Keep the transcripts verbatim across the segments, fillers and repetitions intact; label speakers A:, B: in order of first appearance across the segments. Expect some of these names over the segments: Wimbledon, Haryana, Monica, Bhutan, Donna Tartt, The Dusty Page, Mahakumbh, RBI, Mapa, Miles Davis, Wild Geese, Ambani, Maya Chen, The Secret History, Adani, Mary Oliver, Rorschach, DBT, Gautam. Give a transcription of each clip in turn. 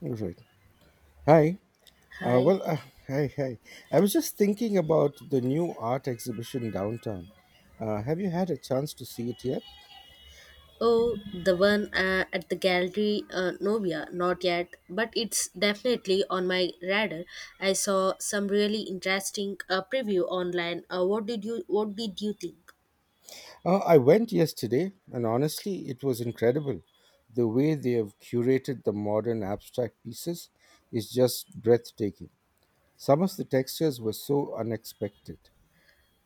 A: All right. Hi. Uh,
B: Hi.
A: well, uh, hi, hi. I was just thinking about the new art exhibition downtown. Uh, have you had a chance to see it yet?
B: Oh, the one uh, at the gallery, uh, Novia, not yet, but it's definitely on my radar. I saw some really interesting uh, preview online. Uh, what did you What did you think?
A: Uh, I went yesterday, and honestly, it was incredible. The way they have curated the modern abstract pieces is just breathtaking. Some of the textures were so unexpected.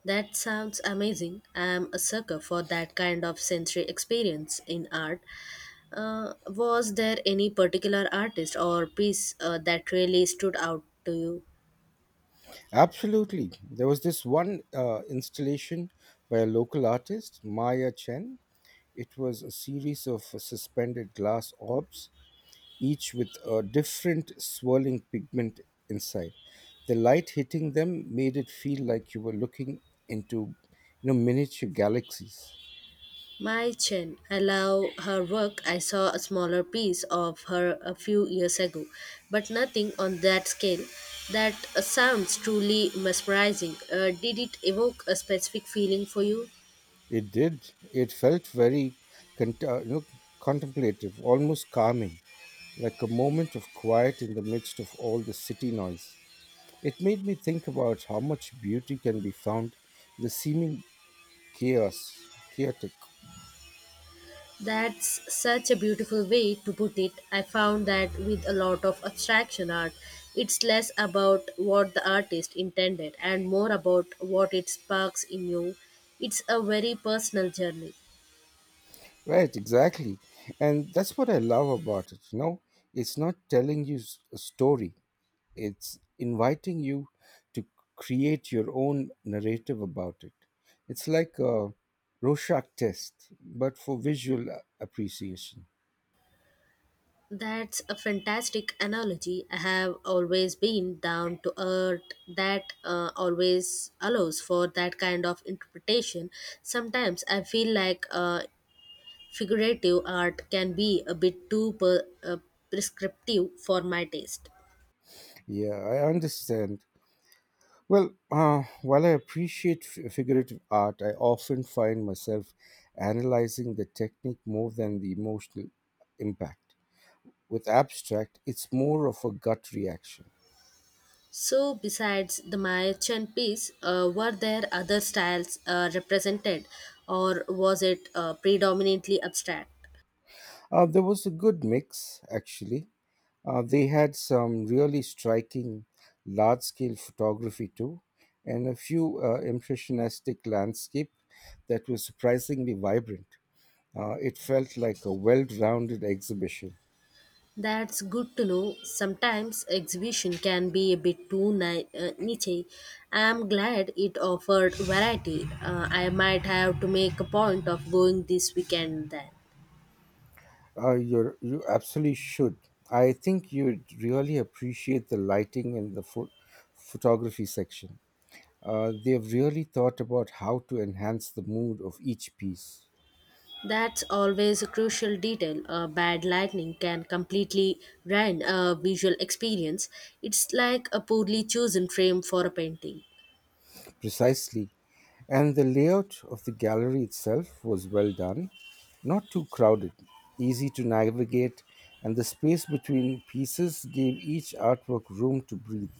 B: That sounds amazing. I'm a sucker for that kind of sensory experience in art. Uh, was there any particular artist or piece uh, that really stood out to you?
A: Absolutely. There was this one uh, installation by a local artist, Maya Chen. It was a series of suspended glass orbs, each with a different swirling pigment inside. The light hitting them made it feel like you were looking into, you know, miniature galaxies.
B: My Chen. I love her work. I saw a smaller piece of her a few years ago, but nothing on that scale. That uh, sounds truly mesmerizing. Uh, did it evoke a specific feeling for you?
A: It did. It felt very cont- uh, you know contemplative, almost calming, like a moment of quiet in the midst of all the city noise. It made me think about how much beauty can be found in the seeming chaos, chaotic.
B: That's such a beautiful way to put it. I found that with a lot of abstraction art, it's less about what the artist intended and more about what it sparks in you. It's a very personal journey.
A: Right, exactly. And that's what I love about it, you know? It's not telling you s- a story, it's inviting you to create your own narrative about it. It's like a Rorschach test, but for visual a- appreciation.
B: That's a fantastic analogy. I have always been down to earth that uh, always allows for that kind of interpretation. Sometimes I feel like uh, figurative art can be a bit too per, uh, prescriptive for my taste.
A: Yeah, I understand. Well, uh, while I appreciate f- figurative art, I often find myself analyzing the technique more than the emotional impact. With abstract, it's more of a gut reaction.
B: So, besides the Mayachen piece, uh, were there other styles uh, represented, or was it uh, predominantly abstract?
A: Uh, there was a good mix, actually. Uh, they had some really striking large scale photography too, and a few uh, impressionistic landscape that was surprisingly vibrant. Uh, it felt like a well rounded exhibition.
B: That's good to know. Sometimes exhibition can be a bit too ni- uh, niche. I'm glad it offered variety. Uh, I might have to make a point of going this weekend then.
A: Uh, you're, you absolutely should. I think you'd really appreciate the lighting in the pho- photography section. Uh, they've really thought about how to enhance the mood of each piece.
B: That's always a crucial detail. Uh, bad lighting can completely ruin a visual experience. It's like a poorly chosen frame for a painting.
A: Precisely. And the layout of the gallery itself was well done, not too crowded, easy to navigate, and the space between pieces gave each artwork room to breathe.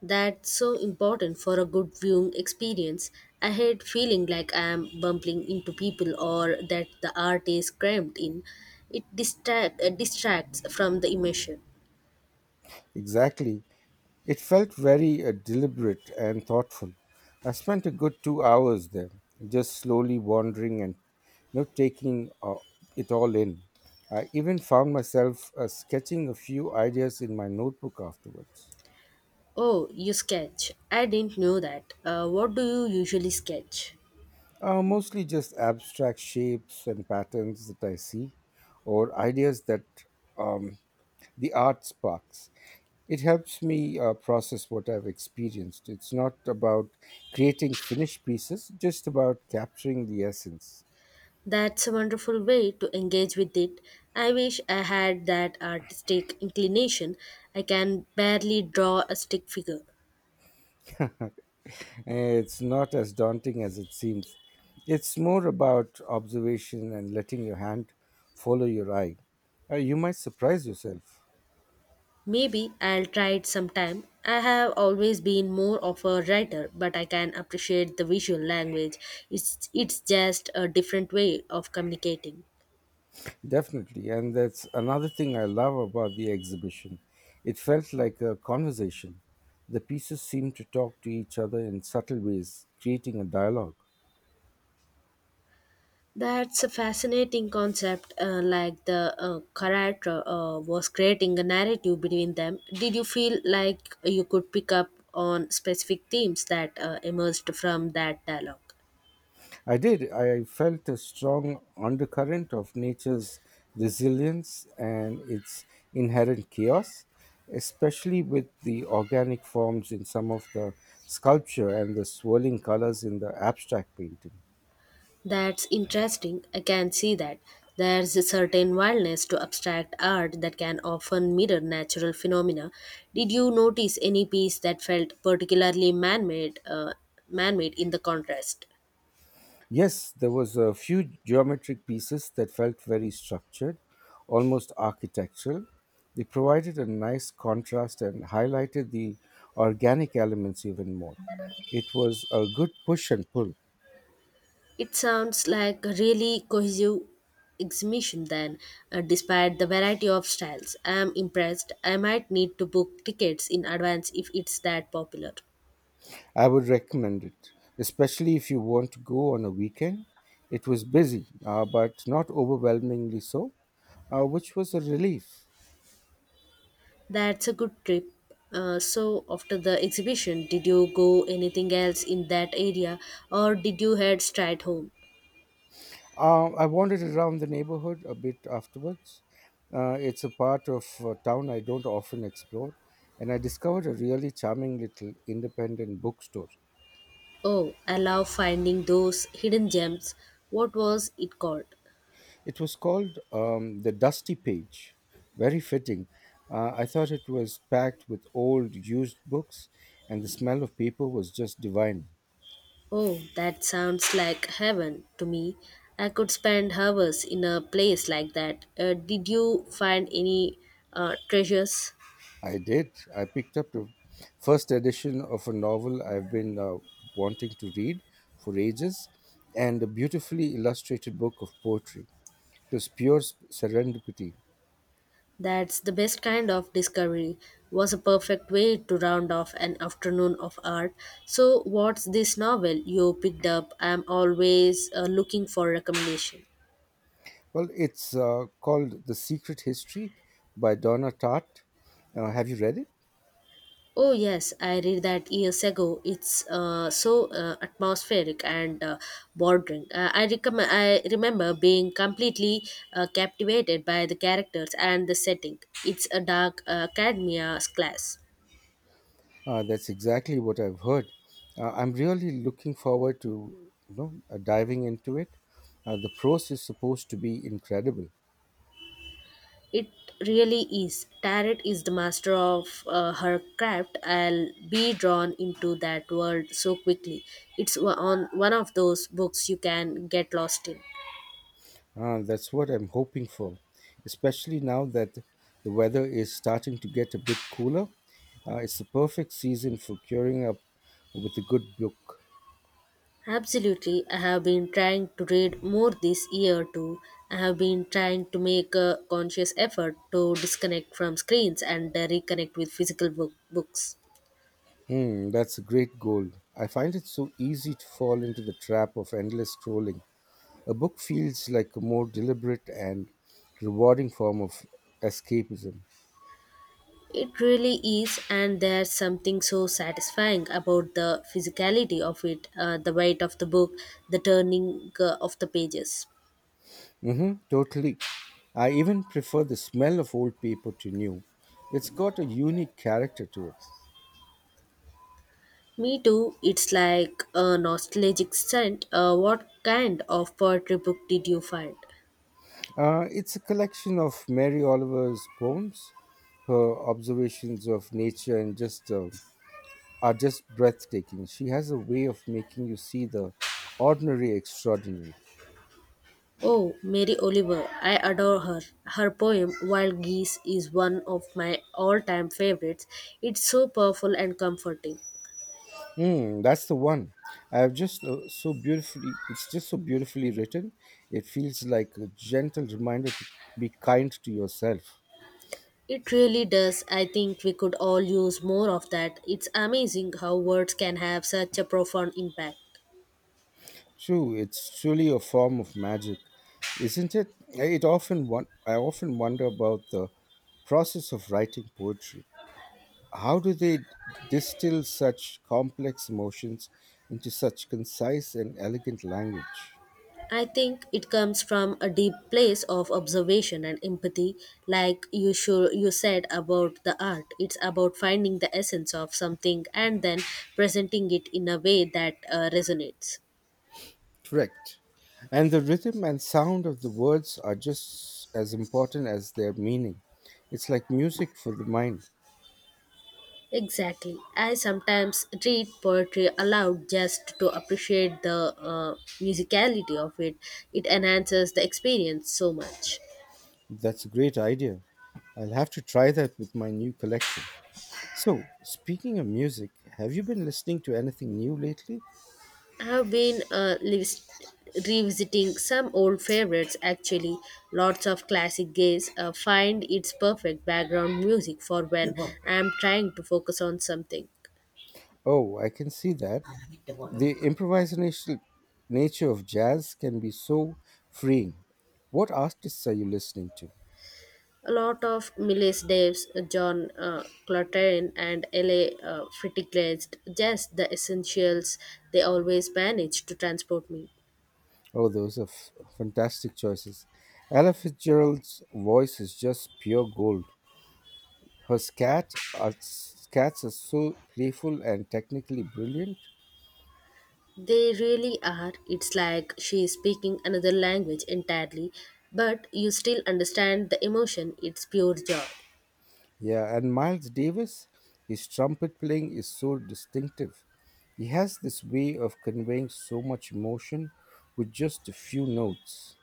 B: That's so important for a good viewing experience. I hate feeling like I am bumping into people or that the art is crammed in. It distract, uh, distracts from the immersion.
A: Exactly. It felt very uh, deliberate and thoughtful. I spent a good two hours there, just slowly wandering and, you know, taking uh, it all in. I even found myself uh, sketching a few ideas in my notebook afterwards.
B: Oh, you sketch. I didn't know that. Uh, what do you usually sketch?
A: Uh, mostly just abstract shapes and patterns that I see, or ideas that um, the art sparks. It helps me uh, process what I've experienced. It's not about creating finished pieces, just about capturing the essence.
B: That's a wonderful way to engage with it. I wish I had that artistic inclination. I can barely draw a stick figure.
A: Eh, it's not as daunting as it seems. It's more about observation and letting your hand follow your eye. Uh, you might surprise yourself.
B: Maybe I'll try it sometime. I have always been more of a writer, but I can appreciate the visual language. It's, it's just a different way of communicating.
A: Definitely. And that's another thing I love about the exhibition. It felt like a conversation. The pieces seemed to talk to each other in subtle ways, creating a dialogue.
B: That's a fascinating concept, uh, like the uh, character uh, was creating a narrative between them. Did you feel like you could pick up on specific themes that uh, emerged from that dialogue?
A: I did. I felt a strong undercurrent of nature's resilience and its inherent chaos, especially with the organic forms in some of the sculpture and the swirling colors in the abstract painting.
B: That's interesting. I can see that. There's a certain wildness to abstract art that can often mirror natural phenomena. Did you notice any piece that felt particularly man-made, uh, man-made in the contrast?
A: Yes, there was a few geometric pieces that felt very structured, almost architectural. They provided a nice contrast and highlighted the organic elements even more. It was a good push and pull.
B: It sounds like a really cohesive exhibition then, uh, despite the variety of styles. I am impressed. I might need to book tickets in advance if it's that popular.
A: I would recommend it, especially if you want to go on a weekend. It was busy, uh, but not overwhelmingly so, uh, which was a relief.
B: That's a good trip. Uh, so after the exhibition, did you go anything else in that area or did you head straight home?
A: Uh, I wandered around the neighborhood a bit afterwards. Uh, it's a part of uh, town I don't often explore, and I discovered a really charming little independent bookstore.
B: Oh, I love finding those hidden gems. What was it called?
A: It was called um, The Dusty Page. Very fitting. Uh, I thought it was packed with old, used books, and the smell of paper was just divine.
B: Oh, that sounds like heaven to me. I could spend hours in a place like that. Uh, did you find any uh, treasures?
A: I did. I picked up the first edition of a novel I've been uh, wanting to read for ages, and a beautifully illustrated book of poetry. It was pure sp- serendipity.
B: That's the best kind of discovery. Was a perfect way to round off an afternoon of art. So, what's this novel you picked up? I'm always uh, looking for recommendation.
A: Well, it's uh, called The Secret History by Donna Tartt. Uh, have you read it?
B: Oh yes, I read that years ago. It's uh, so uh, atmospheric and uh, bordering. Uh, I recommend. I remember being completely uh, captivated by the characters and the setting. It's a dark uh, academia class.
A: Uh, that's exactly what I've heard. Uh, I'm really looking forward to, you know, uh, diving into it. Uh, the pros is supposed to be incredible.
B: It really is. Tarot is the master of uh, her craft. I'll be drawn into that world so quickly. It's wa- on one of those books you can get lost in.
A: Uh, that's what I'm hoping for, especially now that the weather is starting to get a bit cooler. Uh, it's the perfect season for curing up with a good book.
B: Absolutely, I have been trying to read more this year too. I have been trying to make a conscious effort to disconnect from screens and uh, reconnect with physical book- books.
A: Hmm, that's a great goal. I find it so easy to fall into the trap of endless scrolling. A book feels like a more deliberate and rewarding form of escapism.
B: It really is, and there's something so satisfying about the physicality of it, uh, the weight of the book, the turning uh, of the pages.
A: Hmm, totally. I even prefer the smell of old paper to new. It's got a unique character to it.
B: Me too, it's like a nostalgic scent. Uh, what kind of poetry book did you find?
A: Uh, it's a collection of Mary Oliver's poems. Her observations of nature and just uh, are just breathtaking. She has a way of making you see the ordinary extraordinary.
B: Oh, Mary Oliver, I adore her. Her poem, Wild Geese, is one of my all time favorites. It's so powerful and comforting.
A: Hmm, that's the one. I've just uh, so beautifully, It's just so beautifully written. It feels like a gentle reminder to be kind to yourself.
B: It really does. I think we could all use more of that. It's amazing how words can have such a profound impact.
A: True, it's truly a form of magic, isn't it? It often one, I often wonder about the process of writing poetry. How do they distill such complex emotions into such concise and elegant language?
B: I think it comes from a deep place of observation and empathy, like you sure you said about the art. It's about finding the essence of something and then presenting it in a way that uh, resonates.
A: Correct. And the rhythm and sound of the words are just as important as their meaning. It's like music for the mind.
B: Exactly. I sometimes read poetry aloud just to appreciate the uh, musicality of it. It enhances the experience so much.
A: That's a great idea. I'll have to try that with my new collection. So, speaking of music, have you been listening to anything new lately?
B: I have been uh, revis- revisiting some old favorites actually. Lots of classic gays uh, find its perfect background music for when I am trying to focus on something.
A: Oh, I can see that. The improvisational nature of jazz can be so freeing. What artists are you listening to?
B: A lot of Miles Davis, John uh, Coltrane, and L A. Uh, Fritiglitz, just the essentials. They always manage to transport me.
A: Oh, those are f- fantastic choices. Ella Fitzgerald's voice is just pure gold. Her scat are, scats are so playful and technically brilliant.
B: They really are. It's like she is speaking another language entirely, but you still understand the emotion. It's pure joy.
A: Yeah, and Miles Davis, his trumpet playing is so distinctive. He has this way of conveying so much emotion with just a few notes.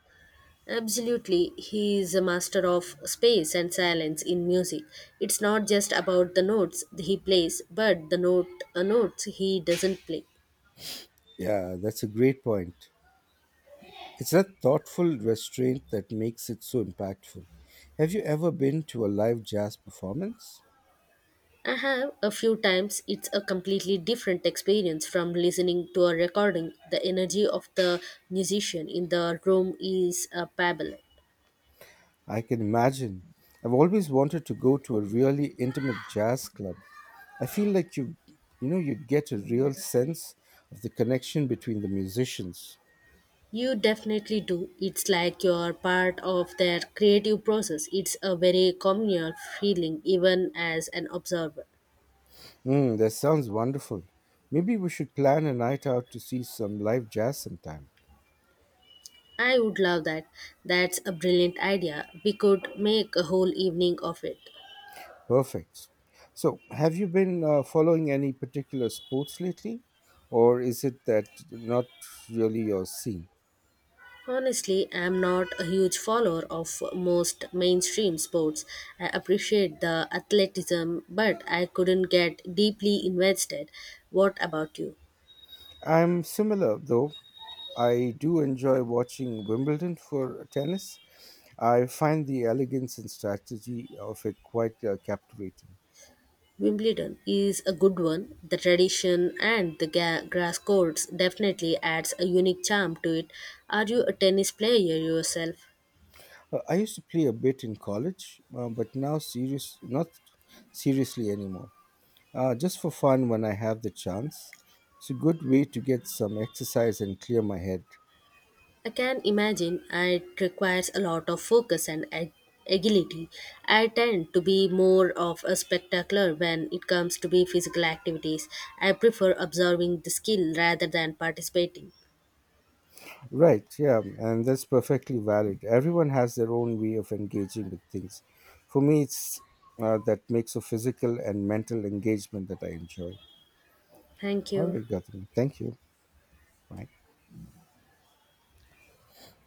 B: Absolutely, he is a master of space and silence in music. It's not just about the notes he plays, but the note uh, notes he doesn't play.
A: Yeah, that's a great point. It's that thoughtful restraint that makes it so impactful. Have you ever been to a live jazz performance?
B: I have a few times it's a completely different experience from listening to a recording. The energy of the musician in the room is a pebble.
A: I can imagine. I've always wanted to go to a really intimate jazz club. I feel like you you know you'd get a real sense of the connection between the musicians.
B: You definitely do. It's like you're part of their creative process. It's a very communal feeling even as an observer.
A: Mm, that sounds wonderful. Maybe we should plan a night out to see some live jazz sometime.
B: I would love that. That's a brilliant idea. We could make a whole evening of it.
A: Perfect. So, have you been uh, following any particular sports lately, or is it that not really your scene?
B: Honestly, I'm not a huge follower of most mainstream sports. I appreciate the athleticism, but I couldn't get deeply invested. What about you?
A: I'm similar though. I do enjoy watching Wimbledon for tennis. I find the elegance and strategy of it quite uh, captivating.
B: Wimbledon is a good one. The tradition and the ga- grass courts definitely adds a unique charm to it. Are you a tennis player yourself?
A: Uh, I used to play a bit in college, uh, but now serious not seriously anymore. Uh, just for fun when I have the chance. It's a good way to get some exercise and clear my head.
B: I can imagine it requires a lot of focus and ag- agility. I tend to be more of a spectacular when it comes to be physical activities. I prefer observing the skill rather than participating.
A: Right, yeah, and that's perfectly valid. Everyone has their own way of engaging with things. For me, it's uh, that mix of physical and mental engagement that I enjoy.
B: Thank
A: All
B: you.
A: right, Gautam, thank you. Right,